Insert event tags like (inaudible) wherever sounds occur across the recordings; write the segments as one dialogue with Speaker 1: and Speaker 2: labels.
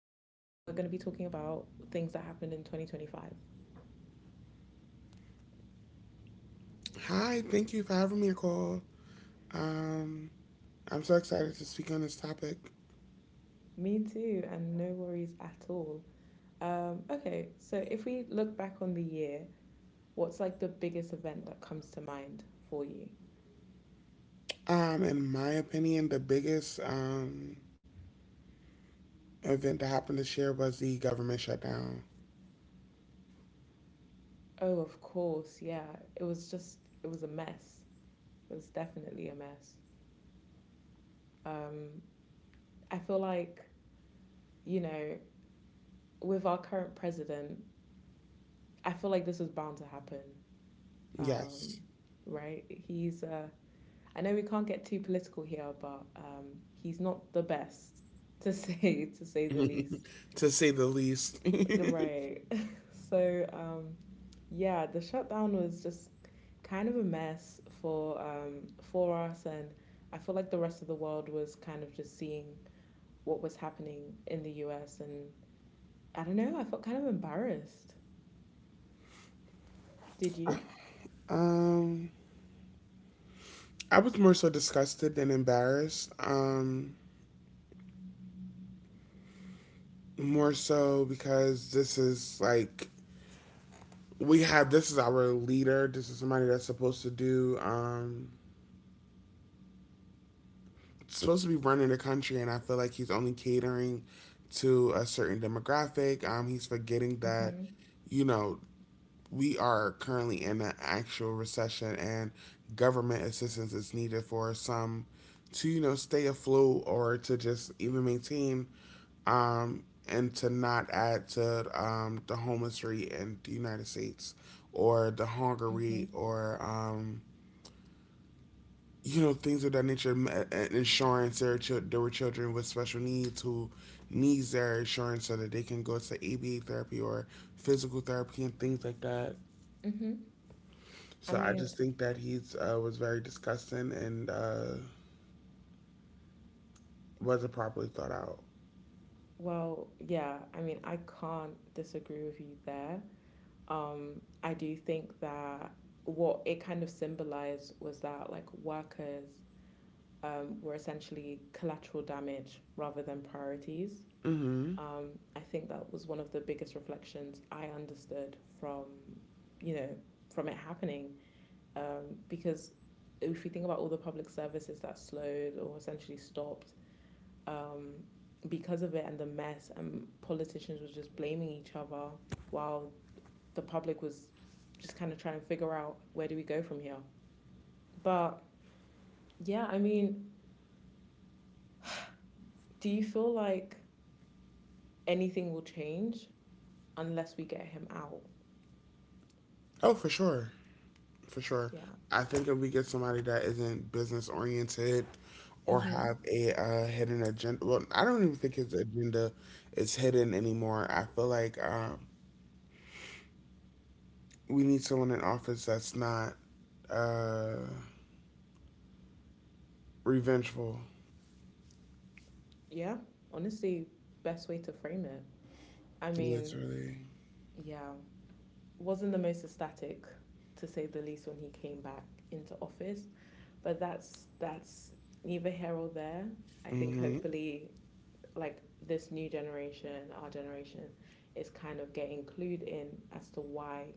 Speaker 1: and we're going to be talking about things that happened in 2025.
Speaker 2: Hi, thank you for having me, Nicole. Um, I'm so excited to speak on this topic.
Speaker 1: Me too, and no worries at all. Okay, so if we look back on the year, what's like the biggest event that comes to mind for you?
Speaker 2: In my opinion, the biggest event that happened this year was the government shutdown.
Speaker 1: Oh, of course, yeah. It was just, it was a mess. It was definitely a mess. Um, I feel like, you know, with our current president, I feel like this was bound to happen. Um,
Speaker 2: Yes.
Speaker 1: right? He's I know we can't get too political here, but he's not the best (laughs) to say the least.
Speaker 2: (laughs) To say the least.
Speaker 1: Right. (laughs) So yeah, the shutdown was just kind of a mess for us, and I feel like the rest of the world was kind of just seeing what was happening in the U.S. and I don't know. I felt kind of embarrassed. Did you?
Speaker 2: (laughs) um, I was more so disgusted than embarrassed. More so because this is like we have this is our leader. This is somebody that's supposed to be running the country, and I feel like he's only catering to a certain demographic. He's forgetting that,
Speaker 1: Mm-hmm.
Speaker 2: you know, we are currently in an actual recession, and government assistance is needed for some to stay afloat or to just even maintain and to not add to the homeless rate in the United States or the hunger rate
Speaker 1: Mm-hmm.
Speaker 2: or you know things of that nature, insurance there were children with special needs who needs their insurance so that they can go to aba therapy or physical therapy and things like that.
Speaker 1: Mm-hmm. I
Speaker 2: So I
Speaker 1: mean,
Speaker 2: just think that he's was very disgusting and wasn't properly thought out.
Speaker 1: well, yeah, I mean, I can't disagree with you there. I do think that what it kind of symbolized was that like workers were essentially collateral damage rather than priorities.
Speaker 2: Hmm.
Speaker 1: Um, I think that was one of the biggest reflections I understood from, you know, from it happening. Because if you think about all the public services that slowed or essentially stopped, um, because of it and the mess, and politicians were just blaming each other while the public was just kind of trying to figure out where do we go from here. But yeah, I mean, do you feel like anything will change unless we get him out?
Speaker 2: Oh, for sure, for sure.
Speaker 1: Yeah.
Speaker 2: I think if we get somebody that isn't business oriented or
Speaker 1: Mm-hmm.
Speaker 2: have a hidden agenda, well, I don't even think his agenda is hidden anymore. I feel like we need someone in office that's not uh, revengeful,
Speaker 1: Yeah. Honestly, best way to frame it. I mean,
Speaker 2: literally.
Speaker 1: yeah, wasn't the most ecstatic to say the least when he came back into office, but that's neither here or there. I think
Speaker 2: Hmm.
Speaker 1: hopefully like this new generation, our generation, is kind of getting clued in as to why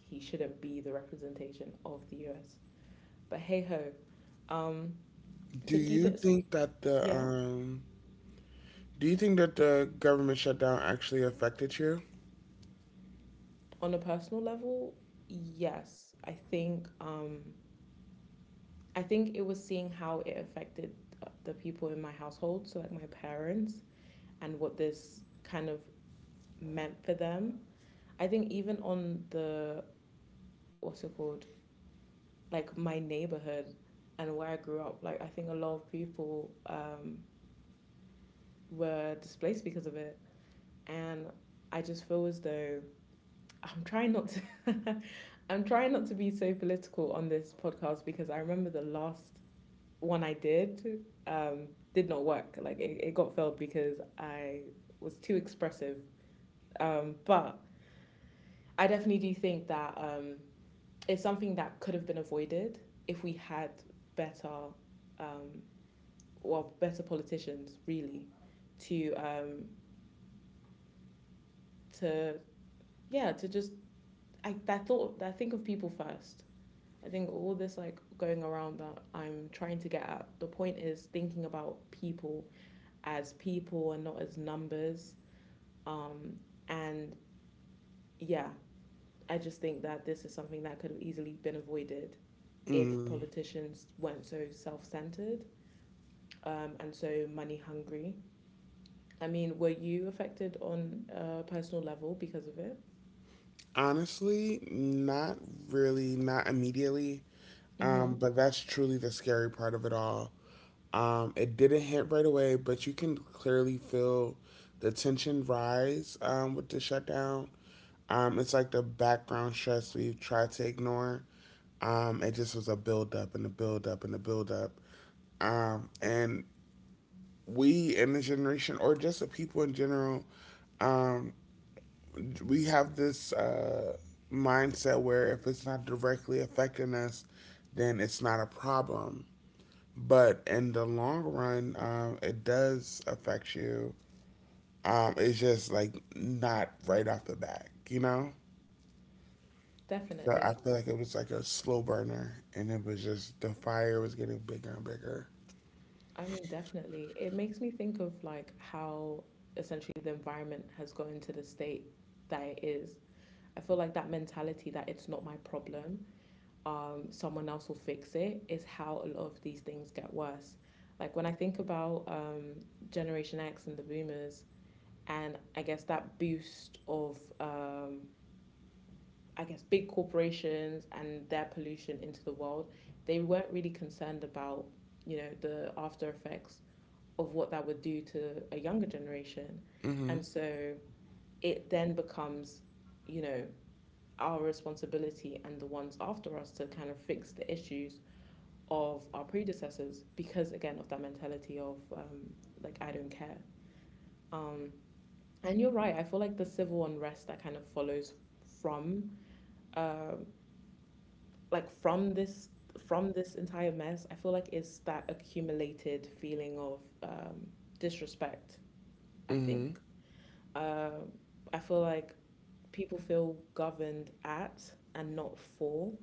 Speaker 1: he shouldn't be the representation of the US. But hey ho, um,
Speaker 2: Do
Speaker 1: to keep
Speaker 2: you
Speaker 1: it
Speaker 2: think that the
Speaker 1: yeah
Speaker 2: do you think that the government shutdown actually affected you?
Speaker 1: on a personal level, yes, I think it was seeing how it affected the people in my household, so like my parents, and what this kind of meant for them. I think even on the what's it called? Like my neighborhood and where I grew up, like I think a lot of people were displaced because of it. And I just feel as though (laughs) I'm trying not to (laughs) I'm trying not to be so political on this podcast because I remember the last one I did not work. Like it got failed because I was too expressive. But I definitely do think that it's something that could have been avoided if we had better, um, well, better politicians really, to to yeah, to just I that thought that think of people first. I think all this like going around that I'm trying to get at the point is thinking about people as people and not as numbers. Um, and yeah, I just think that this is something that could have easily been avoided if
Speaker 2: Mm.
Speaker 1: politicians weren't so self centered, and so money hungry. I mean, were you affected on a personal level because of it?
Speaker 2: Honestly, not really, not immediately.
Speaker 1: Mm-hmm.
Speaker 2: But that's truly the scary part of it all. It didn't hit right away, but you can clearly feel the tension rise with the shutdown. It's like the background stress we've tried to ignore. It just was a buildup, and a buildup, and a buildup. And we in this generation, or just the people in general, we have this mindset where if it's not directly affecting us, then it's not a problem. But in the long run, it does affect you. It's just like not right off the bat, you know? So I
Speaker 1: Definitely.
Speaker 2: feel like it was like a slow burner and it was just the fire was getting bigger and bigger.
Speaker 1: I mean, definitely. It makes me think of like how essentially the environment has gone to the state that it is. I feel like that mentality that it's not my problem, someone else will fix it, is how a lot of these things get worse. Like when I think about Generation X and the boomers, and I guess that boost of I guess, big corporations and their pollution into the world, they weren't really concerned about, you know, the after effects of what that would do to a younger generation.
Speaker 2: Mm hmm.
Speaker 1: And so it then becomes, you know, our responsibility and the ones after us to kind of fix the issues of our predecessors because, again, of that mentality of, like, I don't care. Um, and you're right, I feel like the civil unrest that kind of follows from uh, like from this entire mess, I feel like it's that accumulated feeling of disrespect, I
Speaker 2: Mm
Speaker 1: think. Um, I feel like people feel governed at and not for,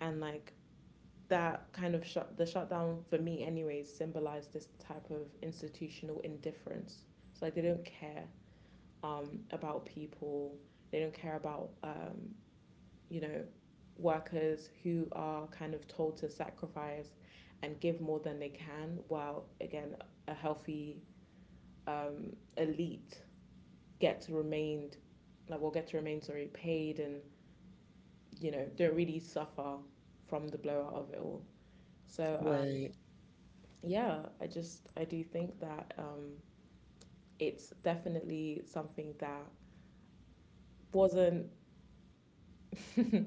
Speaker 1: and like that kind of shutdown for me anyways symbolized this type of institutional indifference. So like they don't care about people, they don't care about you know, workers who are kind of told to sacrifice and give more than they can, while again, a healthy um, elite get to remain, like, will get to remain, sorry, paid and, you know, don't really suffer from the blowout of it all. So,
Speaker 2: hmm. Right.
Speaker 1: yeah, I do think that it's definitely something that wasn't (laughs)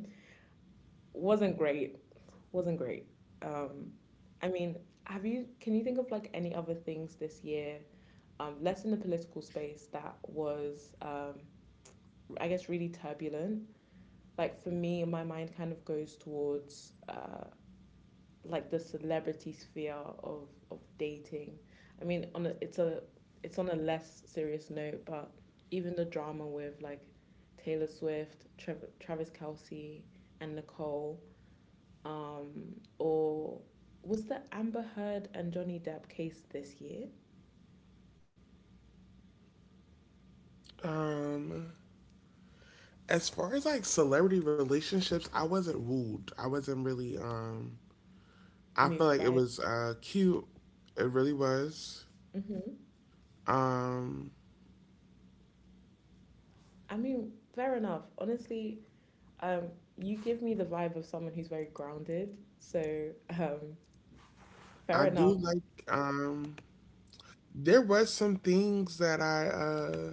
Speaker 1: wasn't great. Wasn't great. Um, I mean, can you think of like any other things this year, less in the political space that was, I guess, really turbulent? Like for me, my mind kind of goes towards like the celebrity sphere of dating. I mean, it's a it's on a less serious note, but even the drama with like Taylor Swift, Travis Kelsey, and Nicole or was the Amber Heard and Johnny Depp case this year
Speaker 2: Um, as far as like celebrity relationships, I wasn't wooed. I wasn't really, I feel
Speaker 1: moved
Speaker 2: like it
Speaker 1: by it?
Speaker 2: was cute. It really was.
Speaker 1: Hmm.
Speaker 2: Um,
Speaker 1: I mean, fair enough. Honestly, um, you give me the vibe of someone who's very grounded. So, um, fair
Speaker 2: I do
Speaker 1: enough.
Speaker 2: like. Um, there was some things that I uh,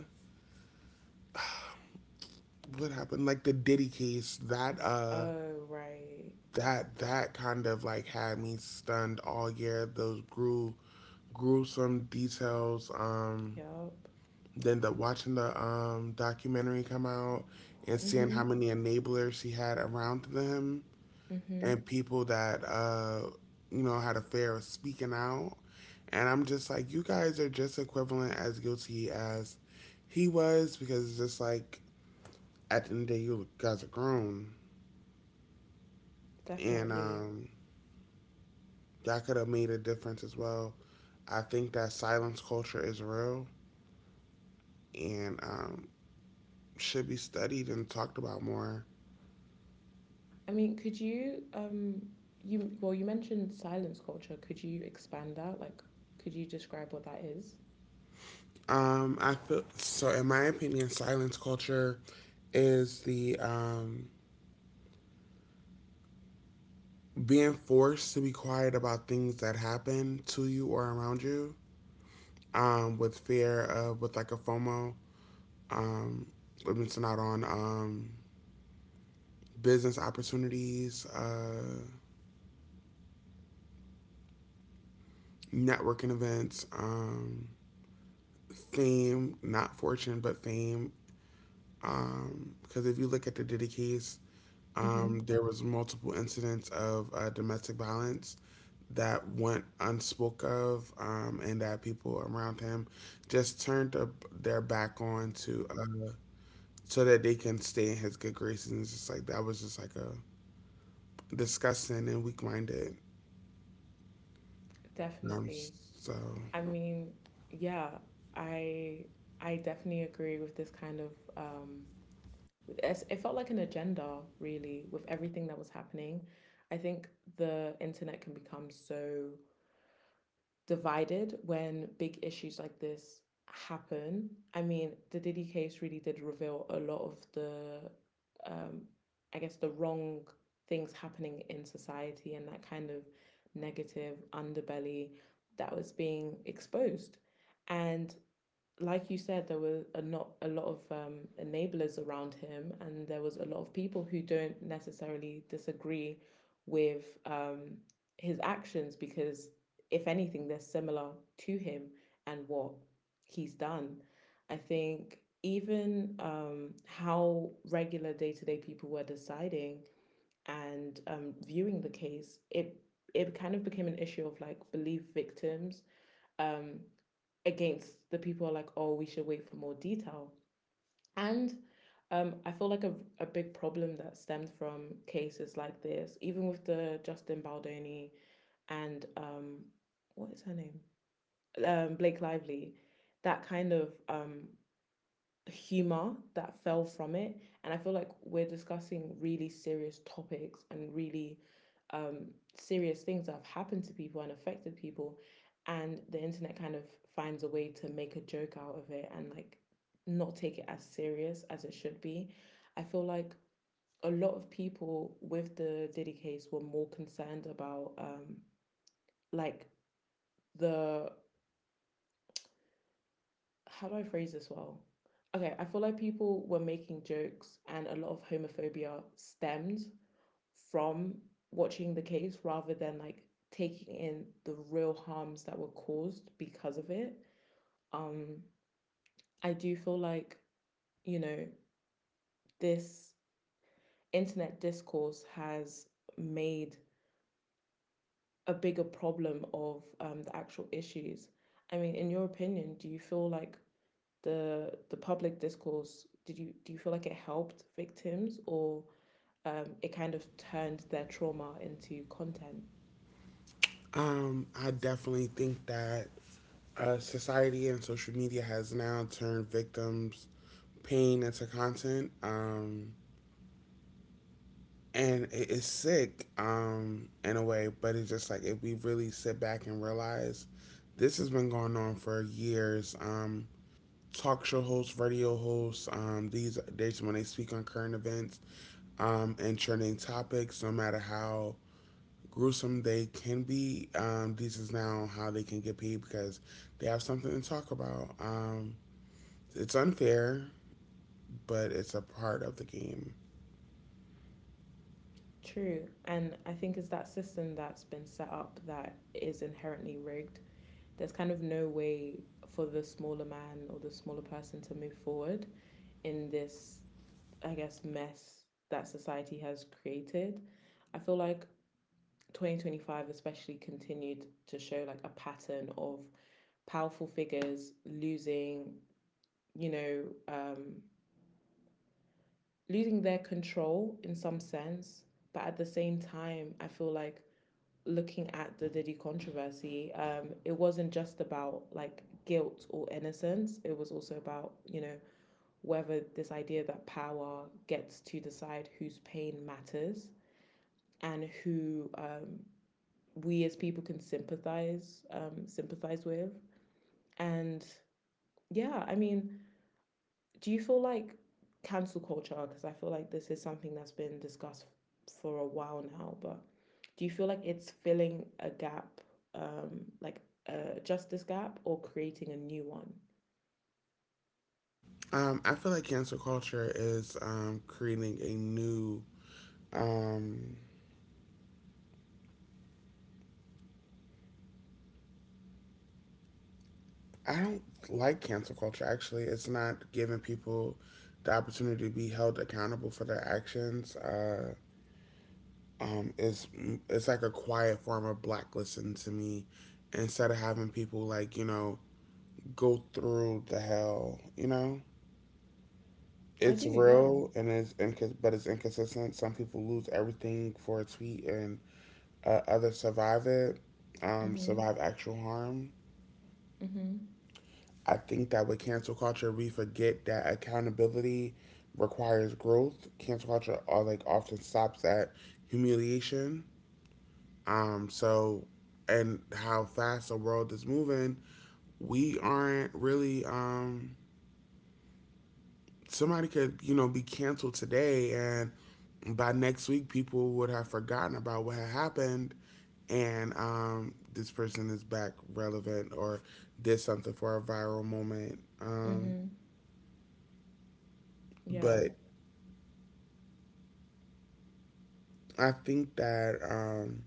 Speaker 2: what happened, like the Diddy case. That uh,
Speaker 1: Oh, right.
Speaker 2: that that kind of like had me stunned all year. Those grew gruesome details.
Speaker 1: Yup.
Speaker 2: Then the watching the documentary come out and seeing how
Speaker 1: Mm-hmm.
Speaker 2: many enablers he had around them
Speaker 1: Mm-hmm.
Speaker 2: and people that you know had a fear of speaking out. And I'm just like, you guys are just equivalent as guilty as he was, because it's just like at the end of the day, you guys are grown, and
Speaker 1: Definitely.
Speaker 2: y'all could have made a difference as well. I think that silence culture is real and should be studied and talked about more.
Speaker 1: I mean, could you you well you mentioned silence culture. Could you expand that? Like, could you describe what that is?
Speaker 2: I feel so. In my opinion, silence culture is the being forced to be quiet about things that happen to you or around you with fear of with like a FOMO, um, with missing out on business opportunities, networking events, fame, not fortune, but fame. Because if you look at the Diddy case,
Speaker 1: Mm-hmm.
Speaker 2: there was multiple incidents of domestic violence that went unspoke of and that people around him just turned up their back on to so that they can stay in his good graces, and it's just like that was just like a disgusting and weak-minded
Speaker 1: Definitely.
Speaker 2: so
Speaker 1: I mean, yeah, I I definitely agree with this kind of um with it's- it felt like an agenda really with everything that was happening. I think the internet can become so divided when big issues like this happen. I mean, the Diddy case really did reveal a lot of the, um, I guess, the wrong things happening in society and that kind of negative underbelly that was being exposed. And like you said, there were a not a lot of enablers around him, and there was a lot of people who don't necessarily disagree with his actions because, if anything, they're similar to him and what he's done. I think even how regular day to day people were deciding and viewing the case, it kind of became an issue of like believe victims um, against the people who are like, oh, we should wait for more detail. And I feel like a big problem that stemmed from cases like this, even with the Justin Baldoni and what is her name? Blake Lively, that kind of humor that fell from it. And I feel like we're discussing really serious topics and really um, serious things that have happened to people and affected people. And the internet kind of finds a way to make a joke out of it and like not take it as serious as it should be. I feel like a lot of people with the Diddy case were more concerned about like the how do I phrase this well? Okay, I feel like people were making jokes and a lot of homophobia stemmed from watching the case rather than like taking in the real harms that were caused because of it. Um, I do feel like, you know, this internet discourse has made a bigger problem of the actual issues. I mean, in your opinion, do you feel like the public discourse did you do you feel like it helped victims or it kind of turned their trauma into content?
Speaker 2: I definitely think that society and social media has now turned victims pain into content and it's sick in a way, but it's just like if we really sit back and realize this has been going on for years um. Talk show hosts, radio hosts, um, these days when they speak on current events and trending topics, no matter how gruesome they can be um, this is now how they can get paid because they have something to talk about um. It's unfair, but it's a part of the game.
Speaker 1: True. And I think it's that system that's been set up that is inherently rigged. There's kind of no way for the smaller man or the smaller person to move forward in this, I guess, mess that society has created. I feel like 2025 especially continued to show like a pattern of powerful figures losing, you know, um, losing their control in some sense. But at the same time, I feel like looking at the Diddy controversy, it wasn't just about like guilt or innocence. It was also about, you know, whether this idea that power gets to decide whose pain matters and who we as people can sympathize with. And yeah, I mean, do you feel like cancel culture? Because I feel like this is something that's been discussed for a while now, but do you feel like it's filling a gap, like a justice gap, or creating a new one?
Speaker 2: I feel like cancel culture is creating a new. Um, I don't like cancel culture, actually. It's not giving people the opportunity to be held accountable for their actions. Um, it's, it's like a quiet form of blacklisting to me instead of having people, like, you know, go through the hell, you know?
Speaker 1: I
Speaker 2: It's
Speaker 1: do, yeah.
Speaker 2: real and but it's inconsistent. Some people lose everything for a tweet and other survive it, survive
Speaker 1: Mhm.
Speaker 2: actual harm.
Speaker 1: Mhm.
Speaker 2: I think that with cancel culture, we forget that accountability requires growth. Cancel culture all like often stops at humiliation. So and how fast the world is moving, we aren't really somebody could, you know, be canceled today, and by next week people would have forgotten about what had happened, and this person is back relevant or did something for a viral moment.
Speaker 1: Mhm. Yeah.
Speaker 2: But I think that,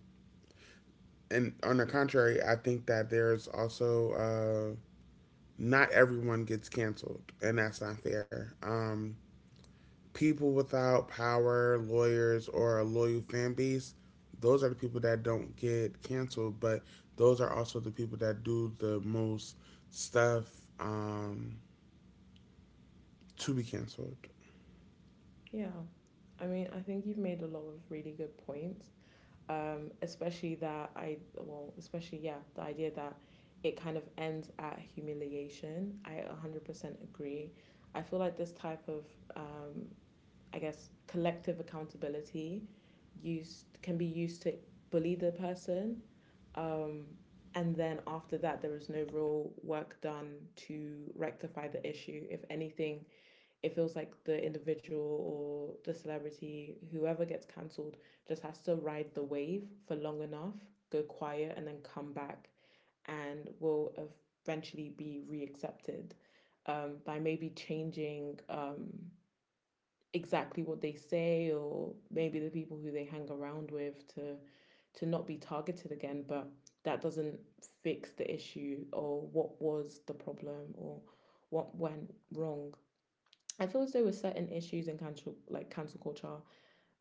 Speaker 2: and on the contrary, I think that there's also not everyone gets canceled, and that's not fair. People without power, lawyers, or a loyal fan base, those are the people that don't get canceled, but those are also the people that do the most stuff um, to be canceled.
Speaker 1: Yeah. I mean, I think you've made a lot of really good points. Especially that I well, especially yeah, the idea that it kind of ends at humiliation. I 100% agree. I feel like this type of um I guess collective accountability used can be used to bully the person. Um, and then after that, there is no real work done to rectify the issue. If anything, it feels like the individual or the celebrity, whoever gets cancelled, just has to ride the wave for long enough, go quiet, and then come back and will eventually be reaccepted, by maybe changing exactly what they say or maybe the people who they hang around with to not be targeted again, but that doesn't fix the issue or what was the problem or what went wrong. I feel as though with certain issues in cancel culture,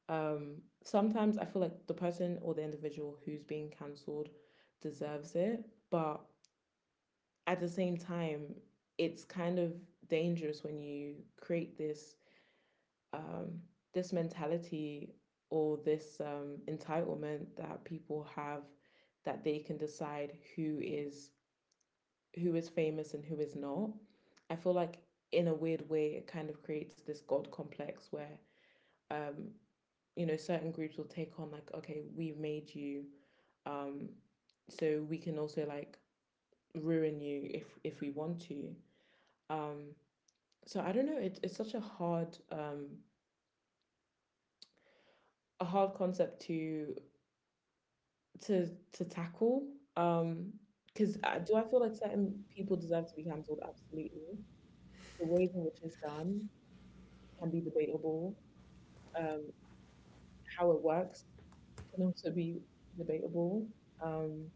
Speaker 1: um sometimes I feel like the person or the individual who's being cancelled deserves it, but at the same time, it's kind of dangerous when you create this, um, this mentality or this, entitlement that people have, that they can decide who is famous and who is not. I feel like in a weird way it kind of creates this god complex where, um, you know, certain groups will take on like, okay, we've made you, um, so we can also like ruin you if we want to. Um, so I don't know. It's such a hard, a hard concept to to tackle. Um, because do I feel like certain people deserve to be cancelled? Absolutely. The ways in which it's done can be debatable. Um, how it works can also be debatable. Um,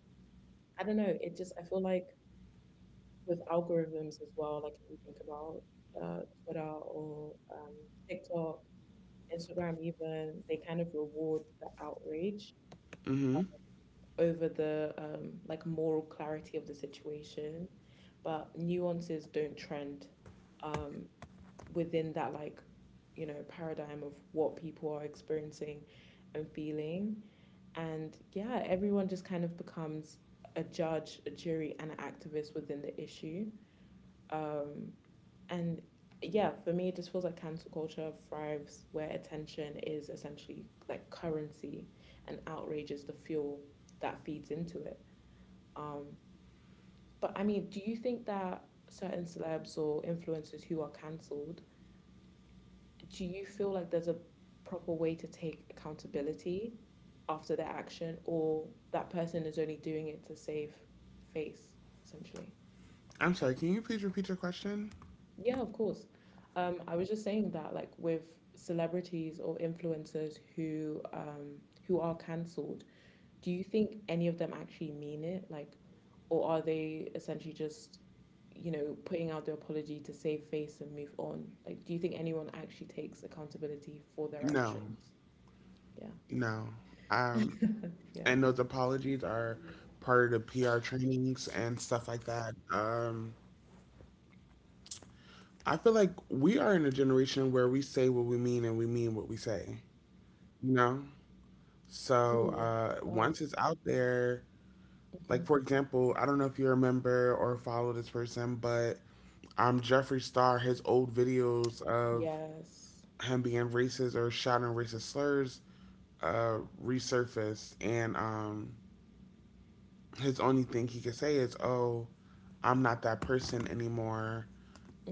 Speaker 1: I don't know. It just I feel like with algorithms as well. Like if we think about Twitter or, TikTok, Instagram, even, they kind of reward the outrage
Speaker 2: Mm-hmm.
Speaker 1: over the, like, moral clarity of the situation, but nuances don't trend um, within that, like, you know, paradigm of what people are experiencing and feeling. And yeah, everyone just kind of becomes a judge, a jury, and an activist within the issue. Um, and yeah, for me, it just feels like cancel culture thrives where attention is essentially like currency and outrage is the fuel that feeds into it. Um, but I mean, do you think that certain celebs or influencers who are cancelled, do you feel like there's a proper way to take accountability after their action, or that person is only doing it to save face, essentially?
Speaker 2: I'm sorry. Can you please repeat your question?
Speaker 1: Yeah, of course. I was just saying that, like, with celebrities or influencers who are cancelled, do you think any of them actually mean it? Like, or are they essentially just, you know, putting out the apology to save face and move on? Like, do you think anyone actually takes accountability for their
Speaker 2: No,
Speaker 1: actions? Yeah.
Speaker 2: no.
Speaker 1: (laughs)
Speaker 2: Um,
Speaker 1: Yeah.
Speaker 2: and those apologies are part of the PR trainings and stuff like that. I feel like we are in a generation where we say what we mean and we mean what we say. You know. So
Speaker 1: Ooh,
Speaker 2: once
Speaker 1: buzz.
Speaker 2: it's out there, like for
Speaker 1: Hmm.
Speaker 2: example, I don't know if you remember or follow this person, but Jeffree Star, his old videos of
Speaker 1: Yes.
Speaker 2: him being racist or shouting racist slurs resurfaced, and his only thing he could say is, "Oh, I'm not that person anymore,"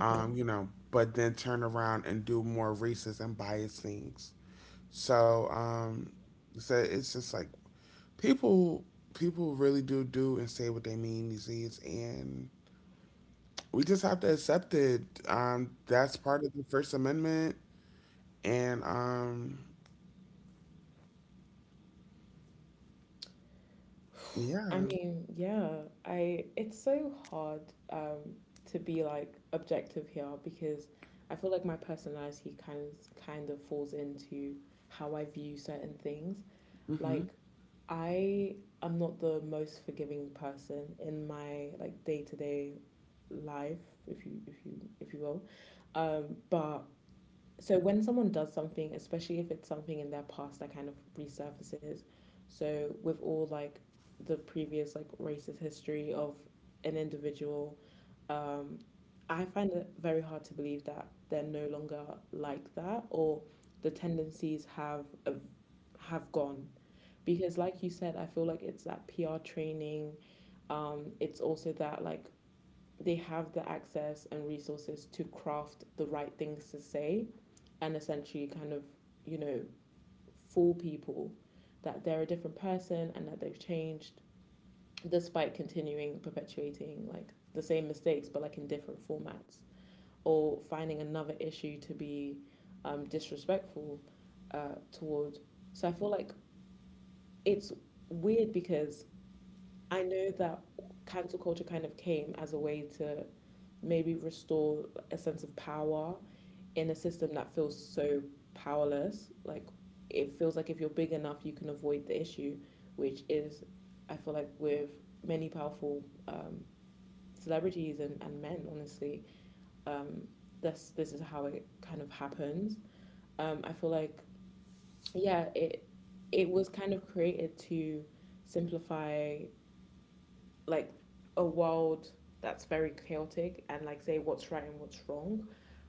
Speaker 2: you know. But then turn around and do more racist and biased things. So, so it's just like people people really do do and say what they mean these days, and we just have to accept it. That's part of the First Amendment, and
Speaker 1: I
Speaker 2: yeah.
Speaker 1: mean, yeah, I it's so hard, um to be like objective here, because I feel like my personality kind of falls into how I view certain things.
Speaker 2: Mm-hmm.
Speaker 1: Like, I am not the most forgiving person in my, like, day-to-day life, if you will. But so when someone does something, especially if it's something in their past that kind of resurfaces, so with all, like, the previous, like, racist history of an individual, um, I find it very hard to believe that they're no longer like that, or the tendencies have gone. Because like you said, I feel like it's that PR training. It's also that, like, they have the access and resources to craft the right things to say, and essentially kind of, you know, fool people that they're a different person and that they've changed, despite continuing perpetuating, like, the same mistakes but, like, in different formats, or finding another issue to be, disrespectful toward. So I feel like it's weird, because I know that cancel culture kind of came as a way to maybe restore a sense of power in a system that feels so powerless. Like, it feels like if you're big enough, you can avoid the issue, which is, I feel like, with many powerful, celebrities and, men, honestly, um, this is how it kind of happens. I feel like, yeah, it was kind of created to simplify, like, a world that's very chaotic and, like, say what's right and what's wrong.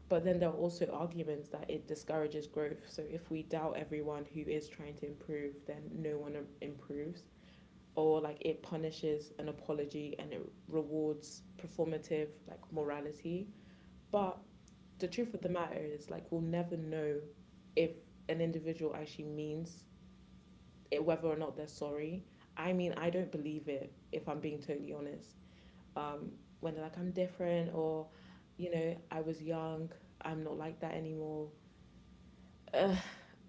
Speaker 1: But then there are also arguments that it discourages growth. So if we doubt everyone who is trying to improve, then no one improves. Or like it punishes an apology and it rewards performative, like, morality. But the truth of the matter is, like, we'll never know if an individual actually means it, whether or not they're sorry. I mean, I don't believe it, if I'm being totally honest, um, when they're like, I'm different, or, you know, I was young, I'm not like that anymore. Ugh,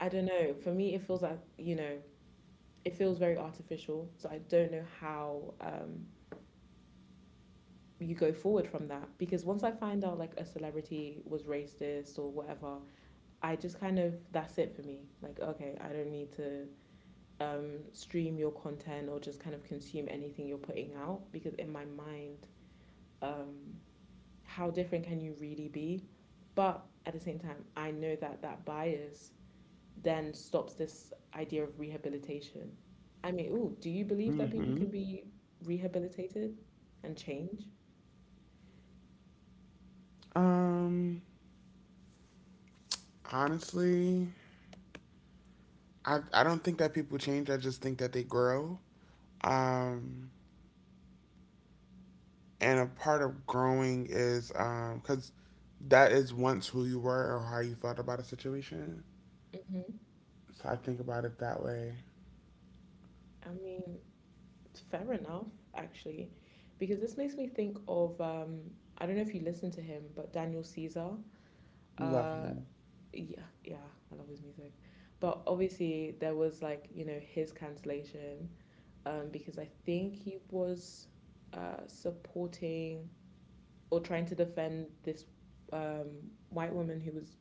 Speaker 1: I don't know. For me, it feels like, you know, it feels very artificial. So I don't know how, you go forward from that. Because once I find out, like, a celebrity was racist or whatever, I just kind of, that's it for me. Like, okay, I don't need to, stream your content or just kind of consume anything you're putting out, because in my mind, um, how different can you really be? But at the same time, I know that that bias then stops this idea of rehabilitation. I mean, ooh, do you believe that people
Speaker 2: Mm-hmm.
Speaker 1: can be rehabilitated and change?
Speaker 2: Um. Honestly, I don't think that people change. I just think that they grow. Um, and a part of growing is because that is once who you were or how you felt about a situation.
Speaker 1: Hmm.
Speaker 2: So I think about it that way.
Speaker 1: I mean, fair enough, actually, because this makes me think of, I don't know if you listen to him, but Daniel Caesar. Uh,
Speaker 2: Loving.
Speaker 1: Yeah, yeah, I love his music. But obviously there was, like, you know, his cancellation, because I think he was supporting or trying to defend this, um white woman who was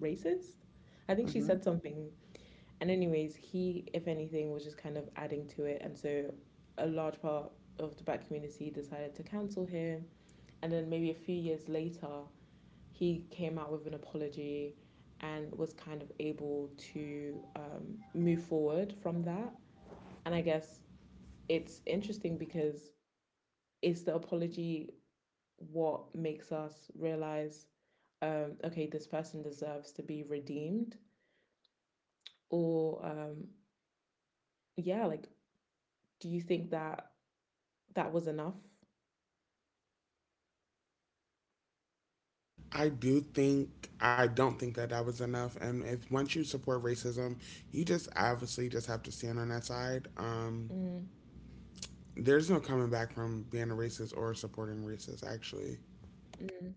Speaker 1: racist. I think she
Speaker 2: Hmm.
Speaker 1: said something. And anyways, he, if anything, was just kind of adding to it. And so a large part of the black community decided to cancel him. And then maybe a few years later, he came out with an apology and was kind of able to, move forward from that. And I guess it's interesting because it's the apology what makes us realize, okay, this person deserves to be redeemed, or, yeah, like, do you think that that was enough?
Speaker 2: I don't think that that was enough. And if once you support racism, you just obviously just have to stand on that side.
Speaker 1: Mm,
Speaker 2: There's no coming back from being a racist or supporting racist. Actually,
Speaker 1: mm.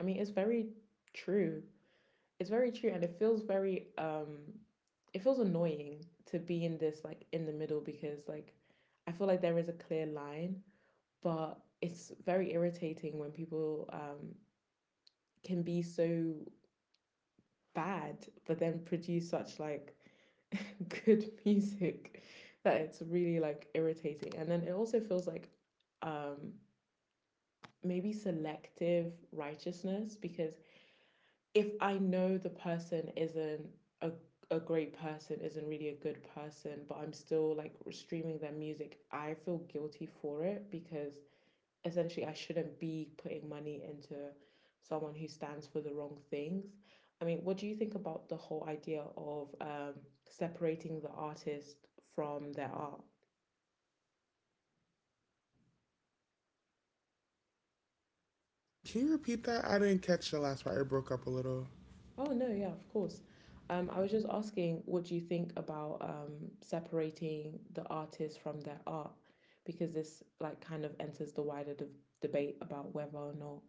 Speaker 1: I mean, it's very true. It's very true, and it feels very, it feels annoying to be in this, like, in the middle, because, like, I feel like there is a clear line, but it's very irritating when people can be so bad but then produce such, like, (laughs) good music that it's really, like, irritating, and then it also feels like, um maybe selective righteousness, because if I know the person isn't a a great person, isn't really a good person, but I'm still, like, streaming their music, I feel guilty for it, because essentially I shouldn't be putting money into someone who stands for the wrong things. I mean, what do you think about the whole idea of, separating the artist from their art?
Speaker 2: can you repeat that? I didn't catch the last part. It broke up a little.
Speaker 1: Oh no, yeah, of course. I was just asking, what do you think about, separating the artist from their art? Because this, like, kind of enters the wider de debate about whether or not,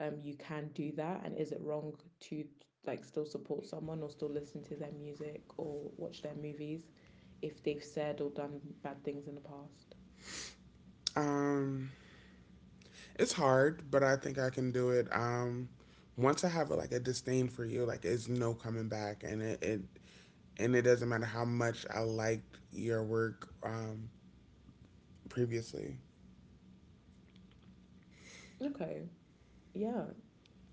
Speaker 1: you can do that, and is it wrong to, like, still support someone or still listen to their music or watch their movies if they've said or done bad things in the past?
Speaker 2: Um, it's hard, but I think I can do it. Once I have a, like a disdain for you, like it's no coming back, and it and it doesn't matter how much I liked your work previously.
Speaker 1: Okay, yeah.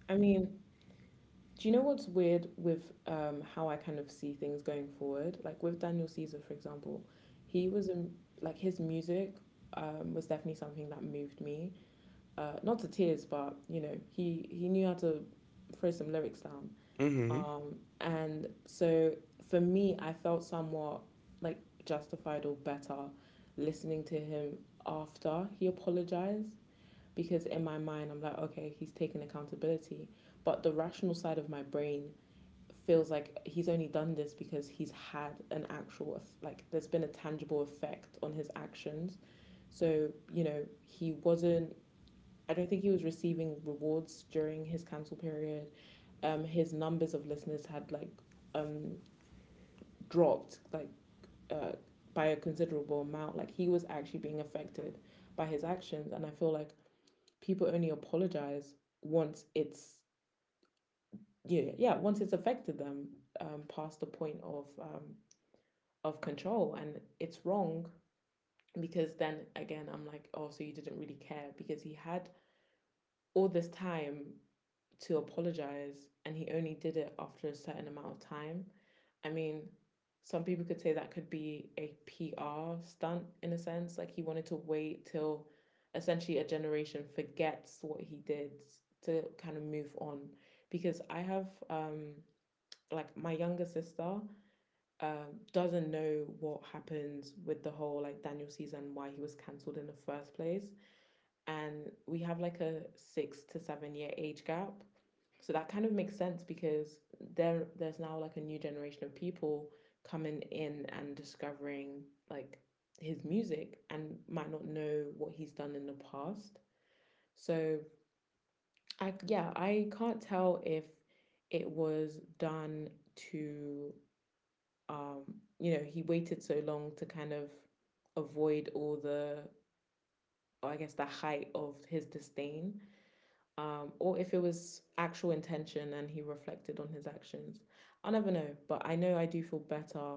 Speaker 1: I mean, do you know what's weird with, how I kind of see things going forward? Like with Daniel Caesar, for example, he was in, like, his music, was definitely something that moved me. Not to tears, but, you know, he knew how to throw some lyrics down.
Speaker 2: Mhm.
Speaker 1: And so for me, I felt somewhat, like, justified or better listening to him after he apologized, because in my mind, I'm like, okay, he's taken accountability. But the rational side of my brain feels like he's only done this because he's had an actual, like, there's been a tangible effect on his actions. So, you know, he wasn't, I don't think he was receiving rewards during his cancel period. His numbers of listeners had, like, um dropped, like, uh by a considerable amount, like, he was actually being affected by his actions. And I feel like people only apologize once it's, yeah, yeah, once it's affected them, past the point of, of control, and it's wrong, because then again I'm like, oh, so you didn't really care, because he had all this time to apologize and he only did it after a certain amount of time. I mean, some people could say that could be a PR stunt in a sense, like he wanted to wait till essentially a generation forgets what he did to kind of move on because I have like my younger sister, doesn't know what happens with the whole like Daniel season, why he was cancelled in the first place. And we have like a 6 to 7 year age gap. So that kind of makes sense because there's now like a new generation of people coming in and discovering like his music and might not know what he's done in the past. So I yeah, I can't tell if it was done to um, he waited so long to kind of avoid or I guess, the height of his disdain, or if it was actual intention and he reflected on his actions. I'll never know, but I know I do feel better,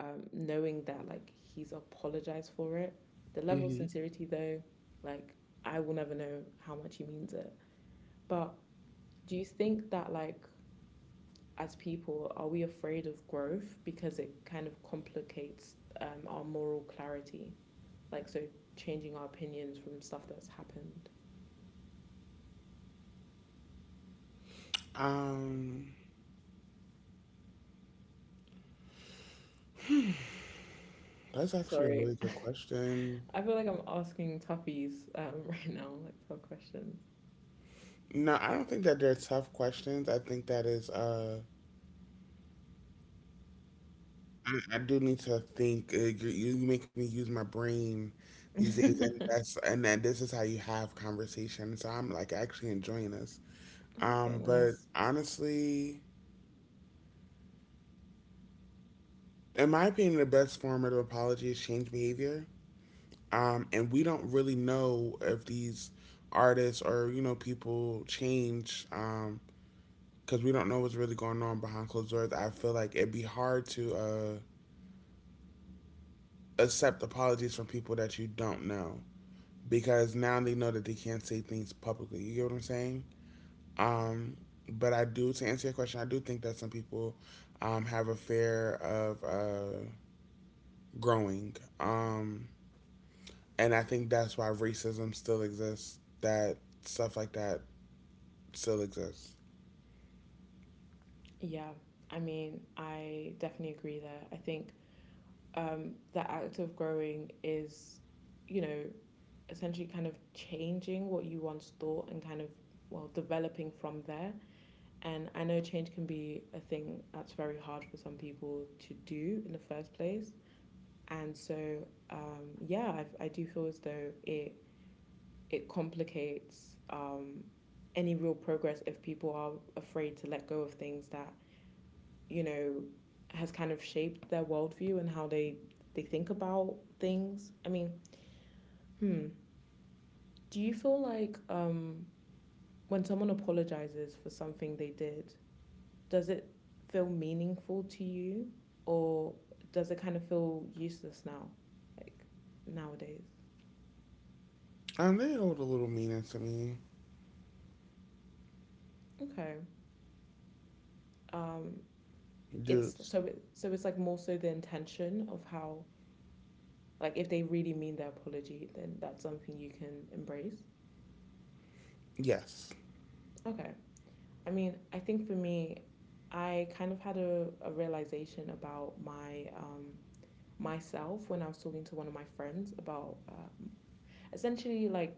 Speaker 1: knowing that, like, he's apologized for it. The level of
Speaker 2: Mhm.
Speaker 1: sincerity, though, like, I will never know how much he means it. But do you think that, like, as people, are we afraid of growth because it kind of complicates our moral clarity? Like, so changing our opinions from stuff that's happened.
Speaker 2: Um, that's actually a
Speaker 1: Sorry,
Speaker 2: really good question.
Speaker 1: (laughs) I feel like I'm asking toughies, (laughs) right now, like tough questions.
Speaker 2: No, I don't think that they're tough questions. I think that is I do need to think. You make me use my brain these days, and
Speaker 1: (laughs)
Speaker 2: that's and that this is how you have conversation. So I'm like actually enjoying this.
Speaker 1: Okay,
Speaker 2: But
Speaker 1: nice.
Speaker 2: honestly, in my opinion, the best form of apology is change behavior. And we don't really know if these artists or you know people change. Because we don't know what's really going on behind closed doors. I feel like it'd be hard to accept apologies from people that you don't know, because now they know that they can't say things publicly. You get what I'm saying? Um, but I do, to answer your question, I do think that some people have a fear of growing. And I think that's why racism still exists, that stuff like that still exists.
Speaker 1: Yeah, I mean, I definitely agree there. I think the act of growing is, you know, essentially kind of changing what you once thought and kind of, well, developing from there. And I know change can be a thing that's very hard for some people to do in the first place. And so, yeah, I do feel as though it complicates any real progress if people are afraid to let go of things that you know has kind of shaped their worldview and how they think about things. I mean, hmm, do you feel like when someone apologizes for something they did, does it feel meaningful to you or does it kind of feel useless now, like nowadays?
Speaker 2: They hold a little meaning to me.
Speaker 1: Okay. um
Speaker 2: Dudes.
Speaker 1: so it's like more so the intention of how, like, if they really mean their apology, then that's something you can embrace.
Speaker 2: Yes.
Speaker 1: Okay. I mean, I think for me, I kind of had a realization about my myself when I was talking to one of my friends about, essentially like,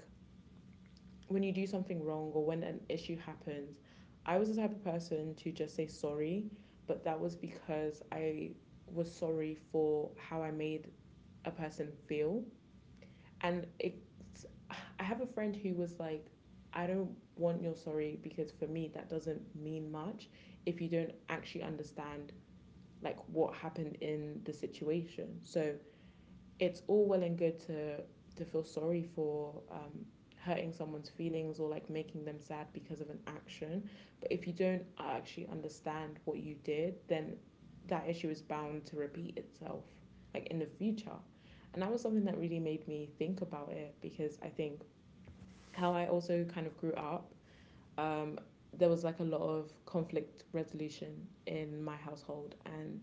Speaker 1: when you do something wrong or when an issue happens, I was the type of person to just say sorry, but that was because I was sorry for how I made a person feel. And it, I have a friend who was like, I don't want your sorry, because for me that doesn't mean much if you don't actually understand like what happened in the situation. So it's all well and good to feel sorry for hurting someone's feelings or like making them sad because of an action, but if you don't actually understand what you did, then that issue is bound to repeat itself, like, in the future. And that was something that really made me think about it, because I think how I also kind of grew up, um there was like a lot of conflict resolution in my household, and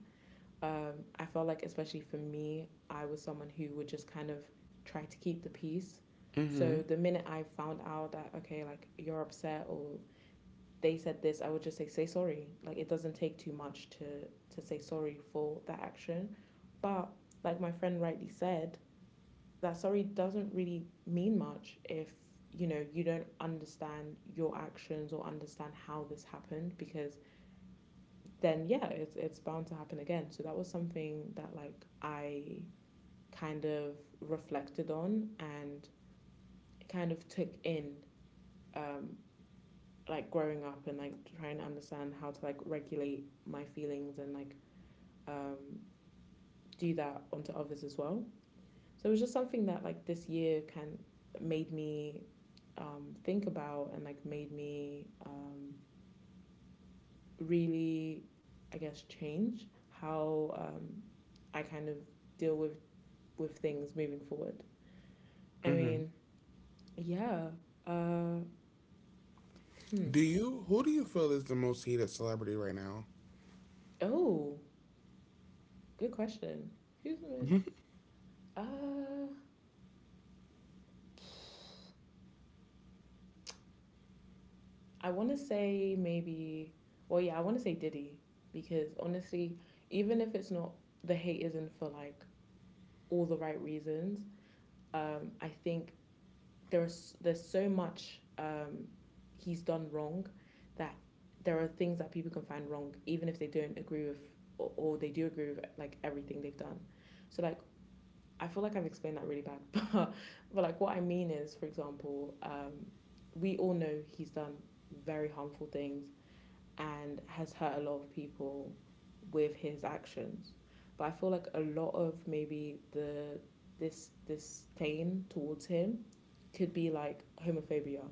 Speaker 1: I felt like, especially for me, I was someone who would just kind of try to keep the peace.
Speaker 2: Mm-hmm.
Speaker 1: So the minute I found out that, okay, like, you're upset or they said this, I would just say, sorry. Like it doesn't take too much to say sorry for that action. But like my friend rightly said, that sorry doesn't really mean much if you don't understand your actions or understand how this happened, because then, yeah, it's bound to happen again. So that was something that, like, I kind of reflected on and kind of took in, um like growing up and like trying to understand how to like regulate my feelings and like, um do that onto others as well. So it was just something that, like, this year can made me think about and like made me really, I guess, change how I kind of deal with things moving forward? I
Speaker 2: Mm-hmm.
Speaker 1: mean, yeah. Uh,
Speaker 2: Do
Speaker 1: hmm.
Speaker 2: you, who do you feel is the most hated celebrity right now?
Speaker 1: Oh, good question. Who's the most?
Speaker 2: Mm-hmm.
Speaker 1: Uh, I want to say maybe. Well, yeah, I want to say Diddy, because honestly, even if it's not the hate isn't for like all the right reasons, I think there's so much he's done wrong, that there are things that people can find wrong, even if they don't agree with, or they do agree with like everything they've done. So like I feel like I've explained that really bad (laughs) but like what I mean is, for example, we all know he's done very harmful things and has hurt a lot of people with his actions. But I feel like a lot of maybe the this disdain towards him could be like homophobia.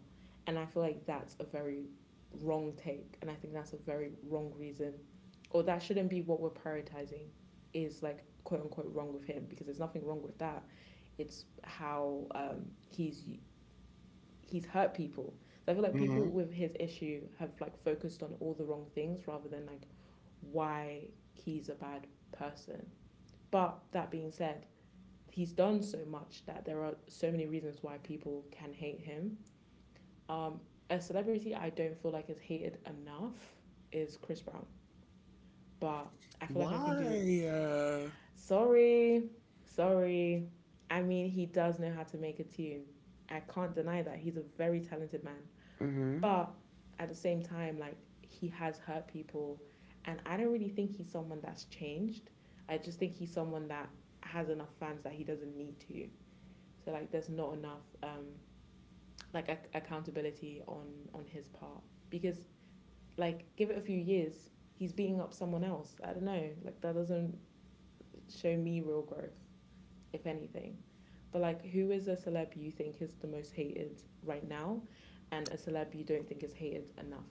Speaker 1: And I feel like that's a very wrong take. And I think that's a very wrong reason. Or that shouldn't be what we're prioritizing is, like, quote unquote wrong with him, because there's nothing wrong with that. It's how he's hurt people. So I feel like
Speaker 2: Mm-hmm.
Speaker 1: people with his issue have like focused on all the wrong things rather than like why he's a bad person. But that being said, he's done so much that there are so many reasons why people can hate him. Um, a celebrity I don't feel like is hated enough is Chris Brown, but I feel like I can do.
Speaker 2: Why?
Speaker 1: Sorry, sorry. I mean, he does know how to make a tune. I can't deny that. He's a very talented man.
Speaker 2: Mm-hmm.
Speaker 1: But at the same time, like, he has hurt people. And I don't really think he's someone that's changed. I just think he's someone that has enough fans that he doesn't need to. So like there's not enough like accountability on his part, because, like, give it a few years, he's beating up someone else. I don't know. Like that doesn't show me real growth, if anything. But like who is a celeb you think is the most hated right now and a celeb you don't think is hated enough?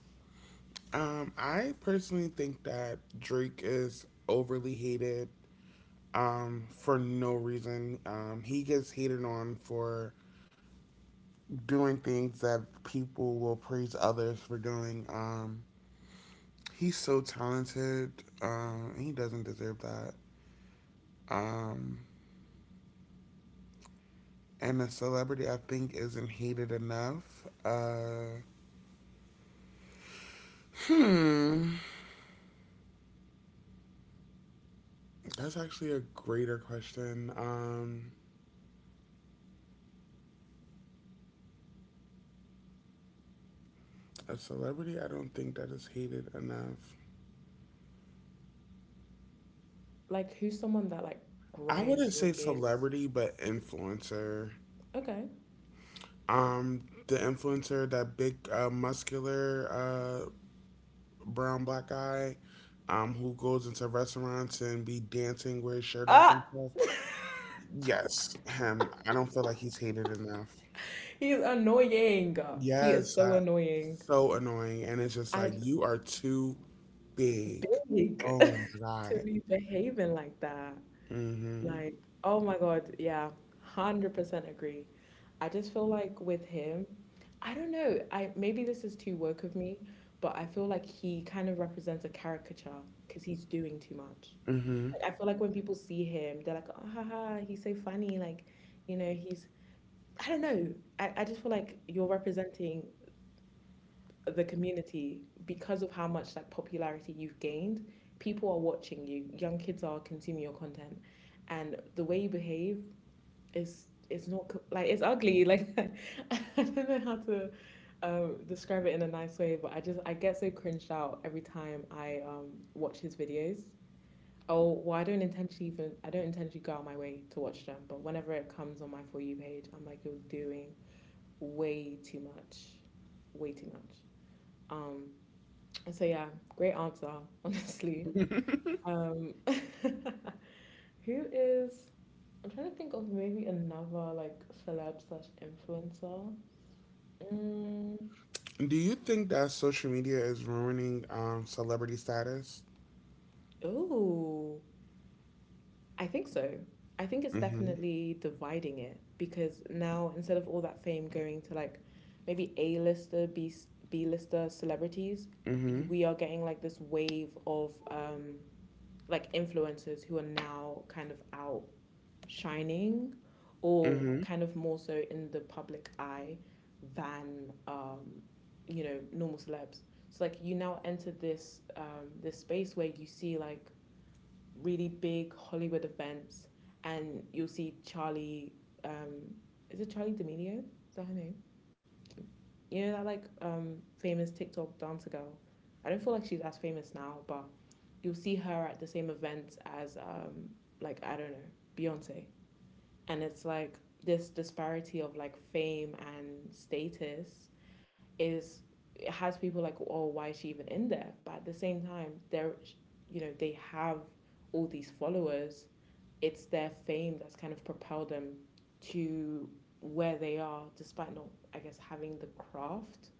Speaker 2: I personally think that Drake is overly hated for no reason. He gets hated on for doing things that people will praise others for doing. He's so talented. He doesn't deserve that. Um, and a celebrity, I think, isn't hated enough. Hmm, that's actually a greater question. A celebrity, I don't think that is hated enough.
Speaker 1: Like, who's someone that, like,
Speaker 2: I
Speaker 1: grinds
Speaker 2: wouldn't
Speaker 1: your
Speaker 2: say
Speaker 1: gears?
Speaker 2: celebrity, but influencer.
Speaker 1: Okay.
Speaker 2: The influencer, that big, muscular, brown black guy, who goes into restaurants and be dancing with his shirt off and
Speaker 1: Ah!
Speaker 2: stuff. Yes, him. I don't feel like he's hated enough.
Speaker 1: (laughs) He's annoying. He is
Speaker 2: Yes,
Speaker 1: so
Speaker 2: I,
Speaker 1: annoying.
Speaker 2: so annoying, and it's just like
Speaker 1: I
Speaker 2: you are too big.
Speaker 1: big (laughs)
Speaker 2: Oh my
Speaker 1: to
Speaker 2: God.
Speaker 1: be behaving like that.
Speaker 2: Mhm.
Speaker 1: Like, oh my God, yeah, 100% agree. I just feel like with him, I don't know. I Maybe this is too woke of me, but I feel like he kind of represents a caricature because he's doing too much.
Speaker 2: Mhm.
Speaker 1: Like, I feel like when people see him, they're like, oh, haha, he's so funny. Like, you know, he's I don't know. I just feel like you're representing the community because of how much, like, popularity you've gained. People are watching you. Young kids are consuming your content, and the way you behave is not like, it's ugly. Like (laughs) I don't know how to describe it in a nice way, but I get so cringed out every time I watch his videos. Oh, well, I don't intentionally go out my way to watch them, but whenever it comes on my For You page, I'm like, you're doing way too much, way too much. Um, and so, yeah, great answer, (laughs) honestly. Um, (laughs) who is? I'm trying to think of maybe another like celeb slash influencer. Mm,
Speaker 2: Do you think that social media is ruining celebrity status?
Speaker 1: oh, I think so. I think it's
Speaker 2: Mhm.
Speaker 1: definitely dividing it because now instead of all that fame going to like maybe A-lister, B B-lister celebrities,
Speaker 2: Mhm.
Speaker 1: we are getting like this wave of like influencers who are now kind of out shining or
Speaker 2: Mhm.
Speaker 1: kind of more so in the public eye than normal celebs. So like you now enter this this space where you see like really big Hollywood events, and you'll see Charlie, um is it Charlie D'Amelio, is that her name? You know, that like famous TikTok dancer girl. I don't feel like she's as famous now, but you'll see her at the same events as like, I don't know, Beyonce, and it's like this disparity of like fame and status is it has people like, oh, why is she even in there? But at the same time, they're they have all these followers, it's their fame that's kind of propelled them to where they are, despite not, I guess, having the craft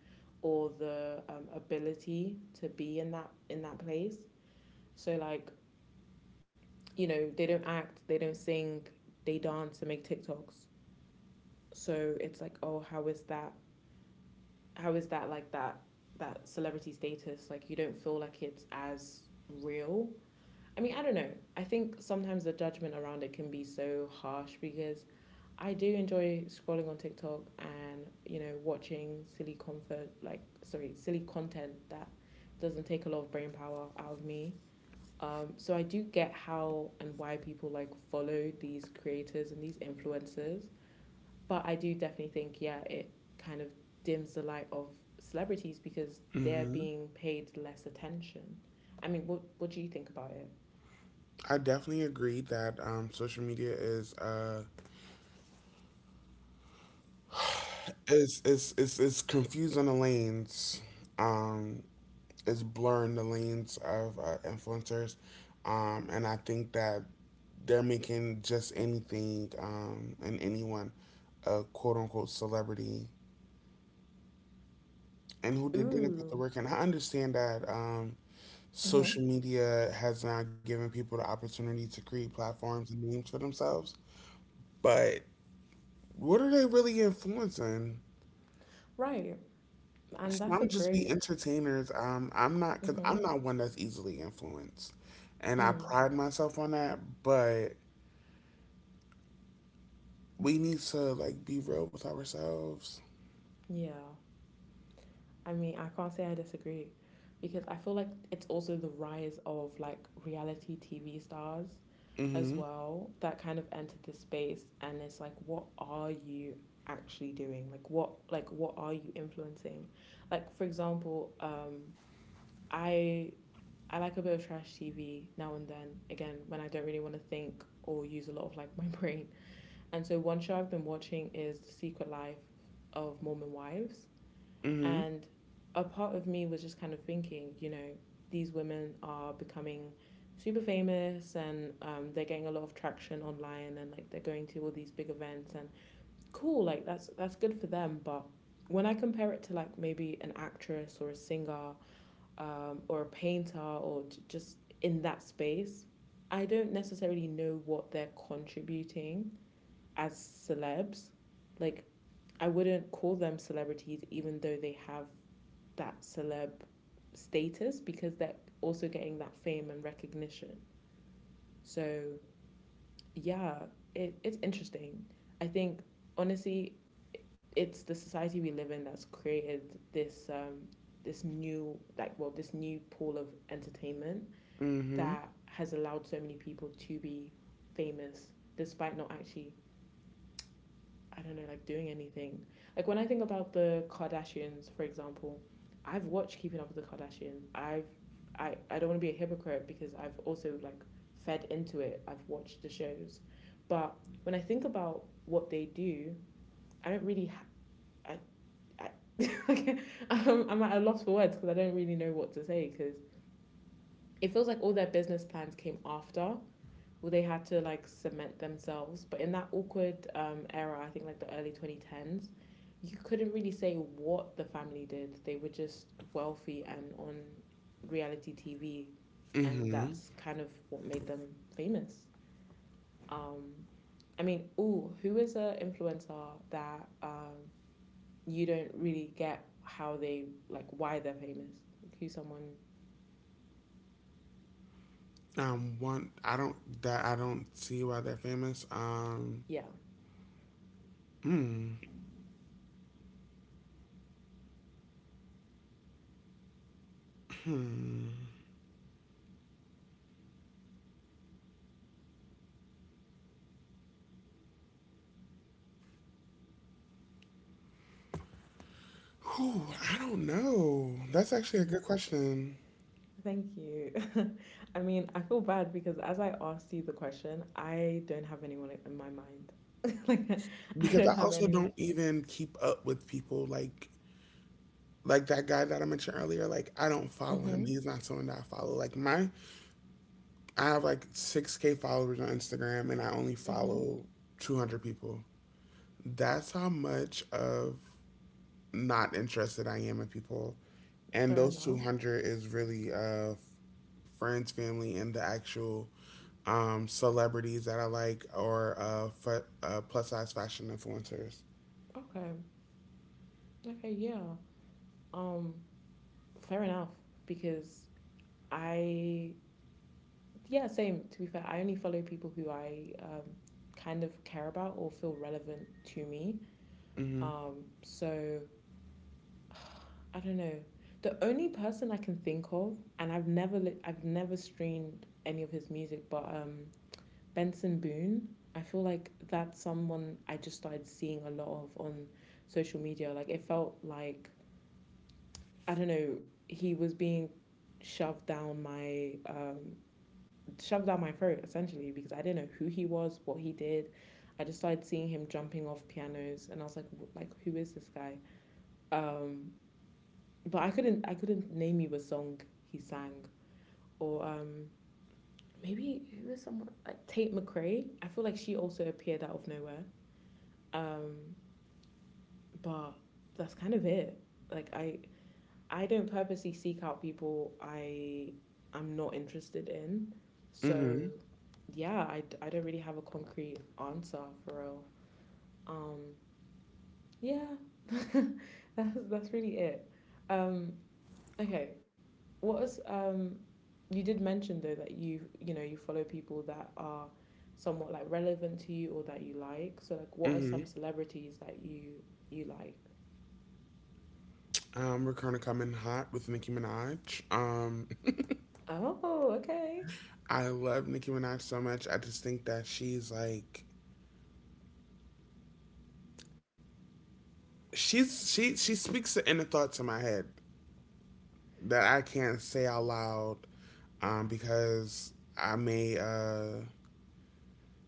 Speaker 1: or the, ability to be in that place. So like, they don't act, they don't sing, they dance and make TikToks. So it's like, oh, how is that like that celebrity status, like, you don't feel like it's as real. I mean, I don't know. I think sometimes the judgment around it can be so harsh because I do enjoy scrolling on TikTok and watching silly comfort, like, sorry, silly content that doesn't take a lot of brain power out of me. So I do get how and why people like follow these creators and these influencers, but I do definitely think, yeah, it kind of dims the light of celebrities because they're
Speaker 2: Mhm.
Speaker 1: being paid less attention. I mean, what do you think about it?
Speaker 2: I definitely agree that social media is confusing the lanes, um, is blurring the lanes of influencers, and I think that they're making just anything and anyone a quote unquote celebrity and didn't put the
Speaker 1: Ooh,
Speaker 2: work in. I understand that
Speaker 1: mm-hmm.
Speaker 2: social media has now given people the opportunity to create platforms and names for themselves, but what are they really influencing?
Speaker 1: Right, and that's a
Speaker 2: Some just be
Speaker 1: great.
Speaker 2: entertainers. I'm not, 'cause I'm
Speaker 1: Mm-hmm.
Speaker 2: not one that's easily influenced, and I
Speaker 1: Mm.
Speaker 2: pride myself on that. But we need to like be real with ourselves.
Speaker 1: Yeah. I mean, I can't say I disagree because I feel like it's also the rise of like reality TV stars as
Speaker 2: Mm-hmm.
Speaker 1: well that kind of entered this space, and it's like, what are you actually doing? Like what are you influencing? Like, for example, I I like a bit of trash TV now and then, again, when I don't really want to think or use a lot of like (laughs) my brain. And so one show I've been watching is The Secret Life of Mormon Wives,
Speaker 2: Mm-hmm.
Speaker 1: and a part of me was just kind of thinking, you know, these women are becoming super famous and they're getting a lot of traction online and like they're going to all these big events and cool, like that's good for them. But when I compare it to like maybe an actress or a singer, or a painter or just in that space, I don't necessarily know what they're contributing as celebs. Like, I wouldn't call them celebrities, even though they have that celeb status, because they're also getting that fame and recognition. So, yeah, it's interesting. I think, honestly, it's the society we live in that's created this this new, like, well, this new pool of entertainment
Speaker 2: Mm-hmm.
Speaker 1: that has allowed so many people to be famous despite not actually, I don't know, like doing anything. Like when I think about the Kardashians, for example, I've watched Keeping Up with the Kardashians. I don't want to be a hypocrite because I've also like fed into it. I've watched the shows. But when I think about what they do, I don't really ha- I, I (laughs) I'm at a loss for words because I don't really know what to say because it feels like all their business plans came after, well, they had to like cement themselves. But in that awkward era, I think, like, the early 2010s, you couldn't really say what the family did. They were just wealthy and on reality TV, and
Speaker 2: Mm-hmm.
Speaker 1: that's kind of what made them famous. Um, I mean, ooh, who is an influencer that, you don't really get how they, like, why they're famous? Like, who's someone?
Speaker 2: One, I don't that I don't see why they're famous.
Speaker 1: Yeah.
Speaker 2: Hmm. Whew, I don't know. That's actually a
Speaker 1: Yeah.
Speaker 2: good question
Speaker 1: Thank you. (laughs) I mean, I feel bad because as I asked you the question, I don't have anyone in my mind. (laughs) Like, I
Speaker 2: because I
Speaker 1: don't have
Speaker 2: also
Speaker 1: anyone.
Speaker 2: don't even keep up with people like that guy that I mentioned earlier, like I don't follow him.
Speaker 1: Mm-hmm.
Speaker 2: He's not someone that I follow. I have like 6K followers on Instagram, and I only
Speaker 1: Mm-hmm.
Speaker 2: follow 200 people. That's how much of not interested I am in people, and
Speaker 1: Fair
Speaker 2: those two
Speaker 1: enough.
Speaker 2: hundred is really friends, family, and the actual celebrities that I like or plus size fashion influencers.
Speaker 1: Okay. Okay, yeah. Um, fair enough because I, yeah, same. To be fair, I only follow people who I, kind of care about or feel relevant to me.
Speaker 2: Mm-hmm.
Speaker 1: So (sighs) I don't know. The only person I can think of, and I've never I've never streamed any of his music, but Benson Boone. I feel like that's someone I just started seeing a lot of on social media. Like it felt like, I don't know, he was being shoved down my um shoved down my throat essentially because I didn't know who he was, what he did. I just started seeing him jumping off pianos and I was like who is this guy? Um, but I couldn't name you a song he sang, or maybe who was someone like Tate McRae. I feel like she also appeared out of nowhere. Um, but that's kind of it. Like I don't purposely seek out people I am not interested in.
Speaker 2: Mm-hmm.
Speaker 1: So yeah, I don't really have a concrete answer for real. Um, yeah, (laughs) that's really it. Um, okay, what was you did mention though that you follow people that are somewhat, like, relevant to you or that you like. So like what are
Speaker 2: Mm-hmm.
Speaker 1: some celebrities that you like?
Speaker 2: We're kind of coming hot with Nicki Minaj.
Speaker 1: Oh, okay. (laughs)
Speaker 2: I love Nicki Minaj so much. I just think that she's like she's she speaks the inner thoughts in my head that I can't say out loud because I may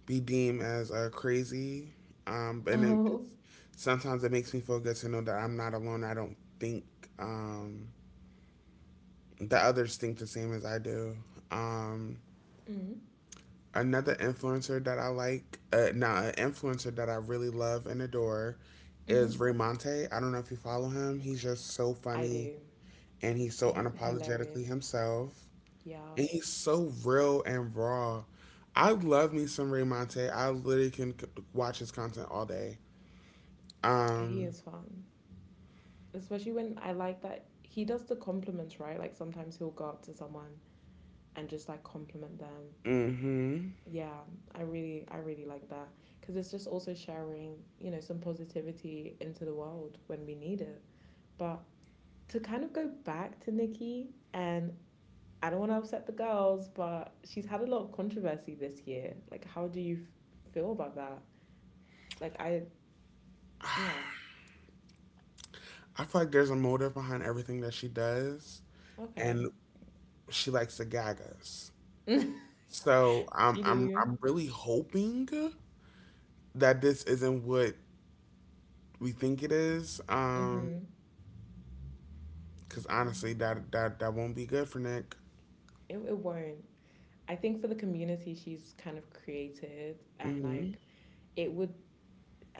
Speaker 2: be deemed as crazy. Um, and it,
Speaker 1: Oh.
Speaker 2: it's, sometimes it makes me feel good to know that I'm not alone. I don't think um, that others think the same as I do. Um,
Speaker 1: Mhm.
Speaker 2: Another influencer that I like, now an influencer that I really love and adore
Speaker 1: Mhm.
Speaker 2: is Remonte. I don't know if you follow him. He's just so
Speaker 1: I
Speaker 2: funny
Speaker 1: do.
Speaker 2: and he's so
Speaker 1: He's
Speaker 2: unapologetically
Speaker 1: hilarious.
Speaker 2: himself.
Speaker 1: Yeah.
Speaker 2: And he's so real and raw. I love me some Remonte. I literally can watch his content all day.
Speaker 1: He
Speaker 2: Um,
Speaker 1: is fun. Especially when I like that he does the compliments, right? Like sometimes he'll go up to someone and just like compliment them.
Speaker 2: hmm,
Speaker 1: Yeah, I really like that because it's just also sharing, you know, some positivity into the world when we need it. But to kind of go back to Nikki, and I don't want to upset the girls, but she's had a lot of controversy this year. Like, how do you feel about that? Like, I, yeah,
Speaker 2: I feel like there's a motive behind everything that she does, and
Speaker 1: okay.
Speaker 2: she likes to gag us.
Speaker 1: (laughs)
Speaker 2: So I'm
Speaker 1: She
Speaker 2: I'm
Speaker 1: do.
Speaker 2: I'm really hoping that this isn't what we think it is.
Speaker 1: Mm-hmm.
Speaker 2: Because honestly, that won't be good for Nick.
Speaker 1: It won't. I think for the community she's kind of created and
Speaker 2: Hmm.
Speaker 1: like, it would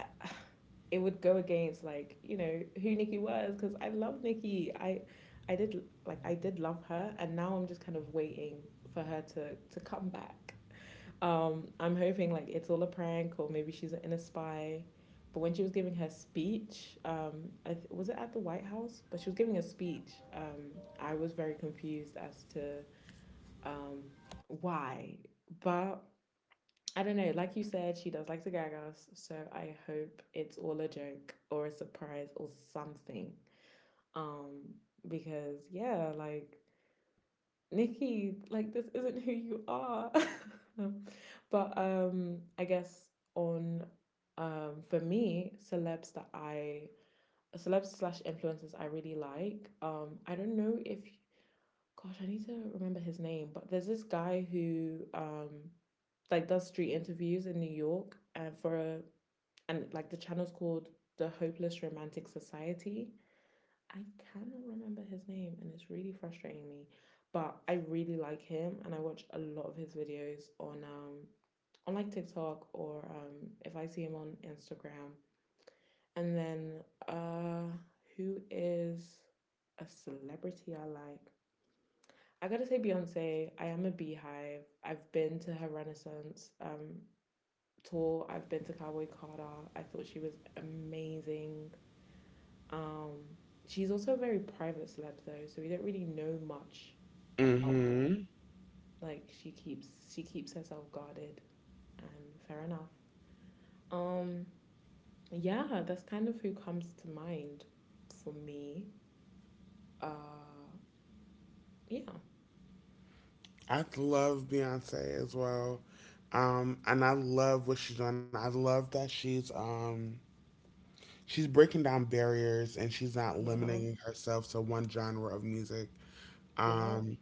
Speaker 1: (sighs) it would go against, like, you know, who Nikki was because I love Nikki. I did love her, and now I'm just kind of waiting for her to come back. I'm hoping like it's all a prank or maybe she's an inner spy. But when she was giving her speech, was it at the White House? But she was giving a speech. I was very confused as to um why, but I don't know. Like you said, she does like the gagas, so I hope it's all a joke or a surprise or something. Um, because yeah, like, Nikki, like this isn't who you are. (laughs) But I guess on for me, celebs that I celebs slash influencers I really like. I don't know if, gosh, I need to remember his name, but there's this guy who like does street interviews in New York and for a and like the channel's called the Hopeless Romantic Society. I cannot remember his name, and it's really frustrating me. But I really like him, and I watch a lot of his videos on like TikTok or if I see him on Instagram. And then uh, who is a celebrity I like? I gotta say Beyonce. I am a beehive. I've been to her Renaissance tour. I've been to Cowboy Carter. I thought she was amazing. Um, she's also a very private celeb though, so we don't really know much about her.
Speaker 2: Hmm.
Speaker 1: Like she keeps herself guarded, and fair enough. Um, yeah, that's kind of who comes to mind for me. Uh, yeah,
Speaker 2: I love Beyonce as well. And I love what she's doing. I love that she's breaking down barriers and she's not
Speaker 1: yeah,
Speaker 2: limiting herself to one genre of music.
Speaker 1: yeah,
Speaker 2: Um,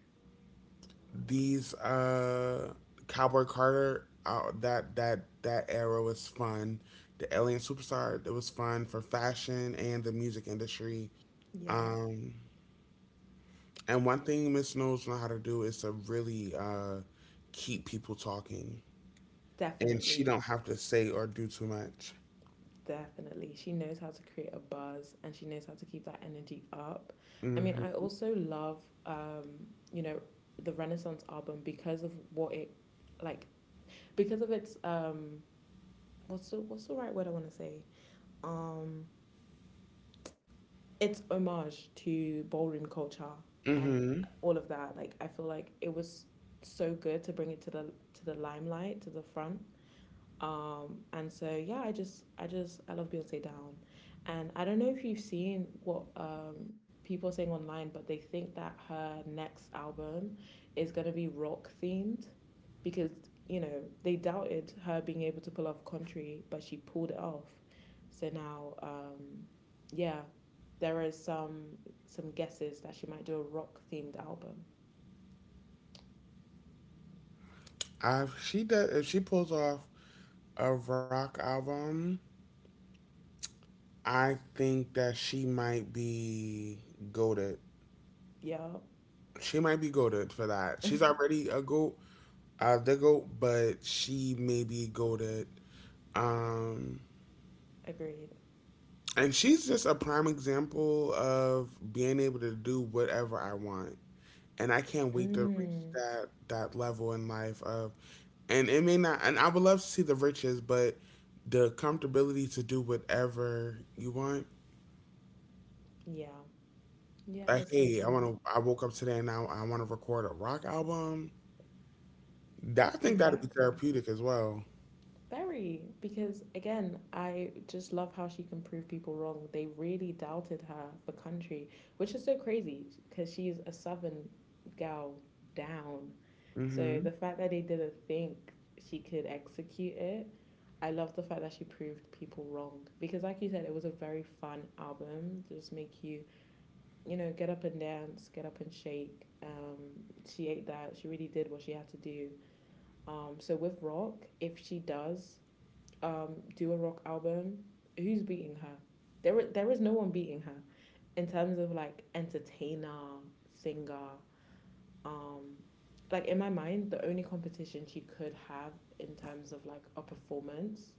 Speaker 2: these Cowboy Carter uh, that era was fun. The Alien Superstar, it was fun for fashion and the music industry.
Speaker 1: yeah,
Speaker 2: Um, and one thing Miss Knowles know how to do is to really keep people talking, and she
Speaker 1: definitely.
Speaker 2: don't have to say or do too much.
Speaker 1: Definitely. She knows how to create a buzz and she knows how to keep that energy up. I mean, I
Speaker 2: Mm-hmm.
Speaker 1: also love, you know, the Renaissance album because of what it, like, because of its what's the right word I want to say? Um, it's homage to ballroom culture and
Speaker 2: Mm-hmm.
Speaker 1: all of that. Like I feel like it was so good to bring it to the limelight, to the front. And so yeah, I just I just I love Beyonce down. And I don't know if you've seen what people are saying online, but they think that her next album is gonna be rock themed because, you know, they doubted her being able to pull off country, but she pulled it off. So now, yeah, there is some guesses that she might do a rock themed album.
Speaker 2: I, she does, if she pulls off a rock album, I think that she might be goaded.
Speaker 1: Yeah.
Speaker 2: She might be goaded for that. She's already
Speaker 1: (laughs)
Speaker 2: a goat, the goat, but she may be goaded. Um,
Speaker 1: Agreed.
Speaker 2: and she's just a prime example of being able to do whatever I want. And I can't wait to reach
Speaker 1: Mm,
Speaker 2: that level in life of, and it may not. And I would love to see the riches, but the comfortability to do whatever you want.
Speaker 1: yeah. Yeah,
Speaker 2: Like,
Speaker 1: it's so
Speaker 2: hey, I want
Speaker 1: true.
Speaker 2: to. I woke up today and now I want to record a rock album. That, I think that'd be
Speaker 1: Exactly.
Speaker 2: therapeutic as well.
Speaker 1: Very. Because again, I just love how she can prove people wrong. They really doubted her for country, which is so crazy because she's a southern gal down. So
Speaker 2: Mm-hmm.
Speaker 1: the fact that they didn't think she could execute it, I love the fact that she proved people wrong. Because, like you said, it was a very fun album to just make you, you know, get up and dance, get up and shake. She ate that. She really did what she had to do, so with Rock, if she does do a rock album, who's beating her? There is no one beating her in terms of like entertainer, singer. Um, like in my mind, the only competition she could have in terms of like a performance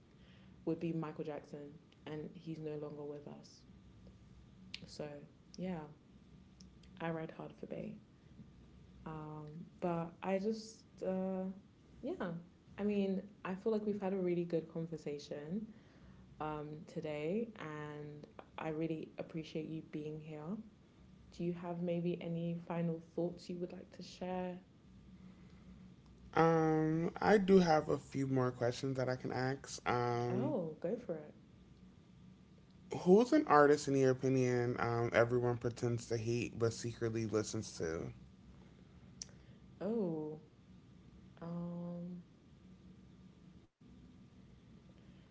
Speaker 1: would be Michael Jackson, and he's no longer with us. So yeah, I ride hard for Bey. Um, but I just yeah. I mean, I feel like we've had a really good conversation today, and I really appreciate you being here. Do you have maybe any final thoughts you would like to share?
Speaker 2: I do have a few more questions that I can ask.
Speaker 1: Oh, go for it.
Speaker 2: Who's an artist in your opinion? Everyone pretends to hate but secretly listens to.
Speaker 1: Oh, um,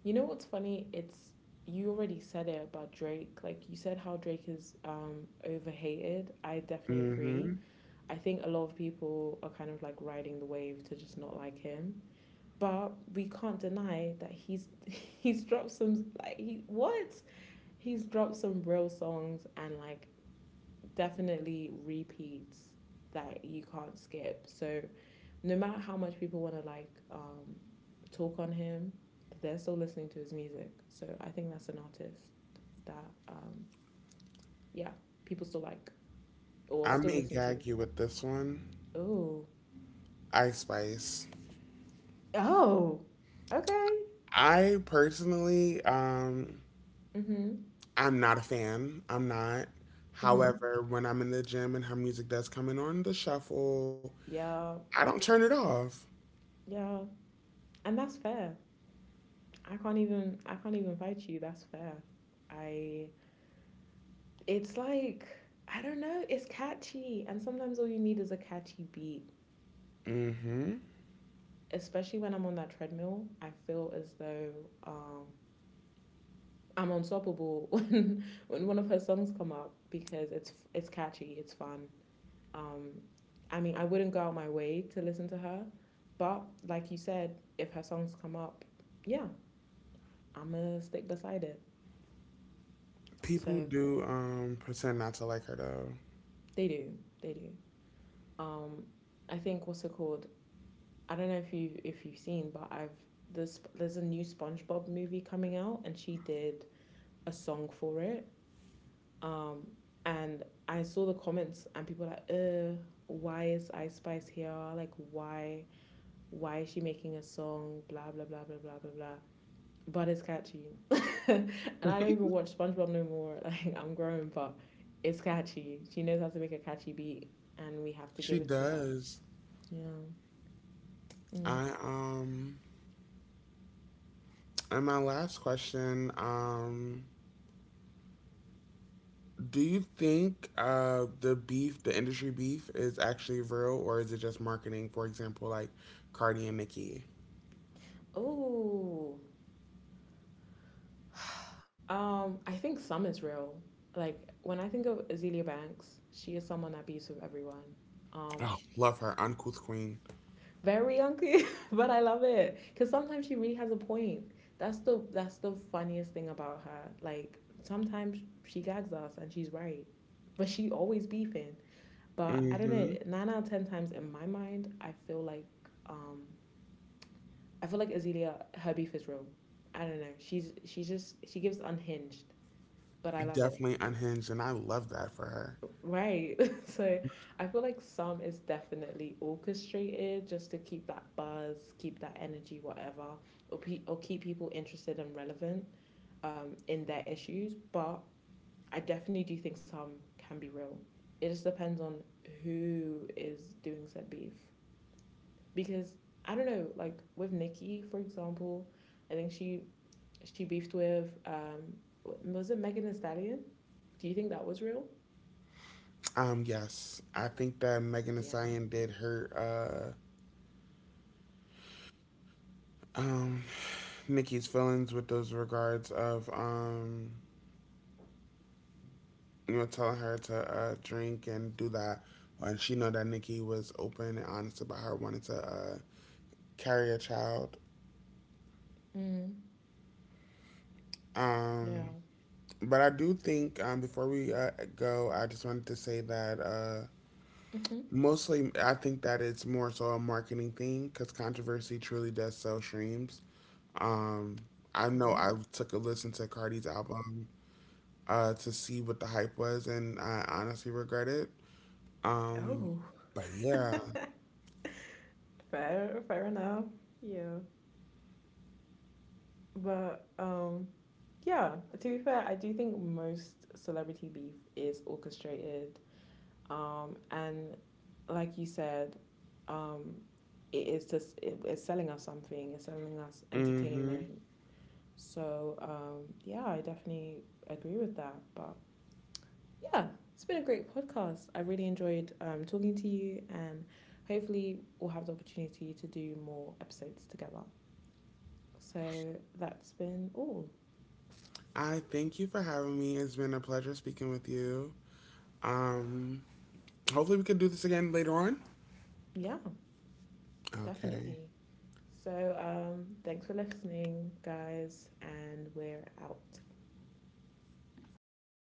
Speaker 1: you know what's funny? It's you already said it about Drake. Like you said how Drake is overhated. I definitely
Speaker 2: Mm-hmm.
Speaker 1: agree. I think a lot of people are kind of like riding the wave to just not like him. But we can't deny that he's (laughs) he's dropped some like he what? He's dropped some real songs and like definitely repeats that you can't skip. So no matter how much people want to like talk on him, they're still listening to his music. So I think that's an artist that yeah, people still like or
Speaker 2: I
Speaker 1: still
Speaker 2: may
Speaker 1: listen to.
Speaker 2: gag you with this one.
Speaker 1: Oh.
Speaker 2: Ice Spice.
Speaker 1: Oh, okay.
Speaker 2: I personally,
Speaker 1: Mhm.
Speaker 2: I'm not a fan. I'm not.
Speaker 1: Mhm.
Speaker 2: However, when I'm in the gym and her music does come in on the shuffle,
Speaker 1: Yeah.
Speaker 2: I don't turn it off.
Speaker 1: Yeah. And that's fair. I can't even fight you. That's fair. I It's like, I don't know, it's catchy. And sometimes all you need is a catchy beat.
Speaker 2: Mm-hmm.
Speaker 1: Especially when I'm on that treadmill, I feel as though um I'm unstoppable (laughs) when one of her songs come up because it's catchy, it's fun. Um I mean, I wouldn't go out my way to listen to her, but like you said, if her songs come up, yeah, I'm gonna stick beside it.
Speaker 2: People
Speaker 1: So
Speaker 2: do pretend not to like her though.
Speaker 1: they do, they do. Um I think what's it called? I don't know if you if you've seen, but I've there's a new SpongeBob movie coming out, and she did a song for it. Um, and I saw the comments, and people were like, why is Ice Spice here? Like, why is she making a song? Blah blah blah blah blah blah blah. But it's catchy, (laughs) and I don't even watch SpongeBob no more. (laughs) Like I'm grown, but it's catchy. She knows how to make a catchy beat, and we have to give
Speaker 2: She
Speaker 1: it to her.
Speaker 2: does.
Speaker 1: Yeah. Mm.
Speaker 2: I and my last question, um, do you think the beef, the industry beef is actually real or is it just marketing? For example, like Cardi and Nicki.
Speaker 1: Oh. (sighs) I think some is real. Like when I think of Azealia Banks, she is someone that beats with everyone.
Speaker 2: Oh,
Speaker 1: Um,
Speaker 2: love her, uncouth queen.
Speaker 1: very uncool, (laughs) but I love it because sometimes she really has a point. That's the funniest thing about her. Like sometimes she gags us and she's right, but she always beefing. But I don't know.
Speaker 2: Mhm.
Speaker 1: Nine out of ten times in my mind, um, I feel like Azealia her beef is real. I don't know. She's she just she gives unhinged, but I love it.
Speaker 2: Definitely unhinged and I love that for her.
Speaker 1: Right. (laughs) So I feel like some is definitely orchestrated just to keep that buzz, keep that energy, whatever, or or keep people interested and relevant in their issues. But I definitely do think some can be real. It just depends on who is doing said beef. Because I don't know, like with Nikki, for example, I think she beefed with was it Megan Thee Stallion? Do you think that was real?
Speaker 2: Um, yes, I think that Megan Thee
Speaker 1: Yeah.
Speaker 2: Stallion did hurt um Nikki's feelings with those regards of um, you know, telling her to drink and do that. And she know that Nikki was open and honest about her wanting to carry a child.
Speaker 1: Mm,
Speaker 2: Um,
Speaker 1: yeah.
Speaker 2: but I do think before we go, I just wanted to say that
Speaker 1: Mhm.
Speaker 2: mostly I think that it's more so a marketing thing because controversy truly does sell streams. Um, I know
Speaker 1: True.
Speaker 2: I took a listen to Cardi's album to see what the hype was, and I honestly regret it. Um,
Speaker 1: Oh.
Speaker 2: but yeah,
Speaker 1: (laughs) Fair, fair enough. Yeah, but yeah. To be fair, I do think most celebrity beef is orchestrated. And like you said, um, it is just it's selling us something. It's selling us
Speaker 2: hmm,
Speaker 1: entertainment. So yeah, I definitely agree with that. But yeah, it's been a great podcast. I really enjoyed talking to you, and hopefully, we'll have the opportunity to do more episodes together. So, that's been all.
Speaker 2: I thank you for having me. It's been a pleasure speaking with you. Um, hopefully we can do this again later on.
Speaker 1: Yeah,
Speaker 2: Okay.
Speaker 1: definitely. So, thanks for listening, guys, and we're out.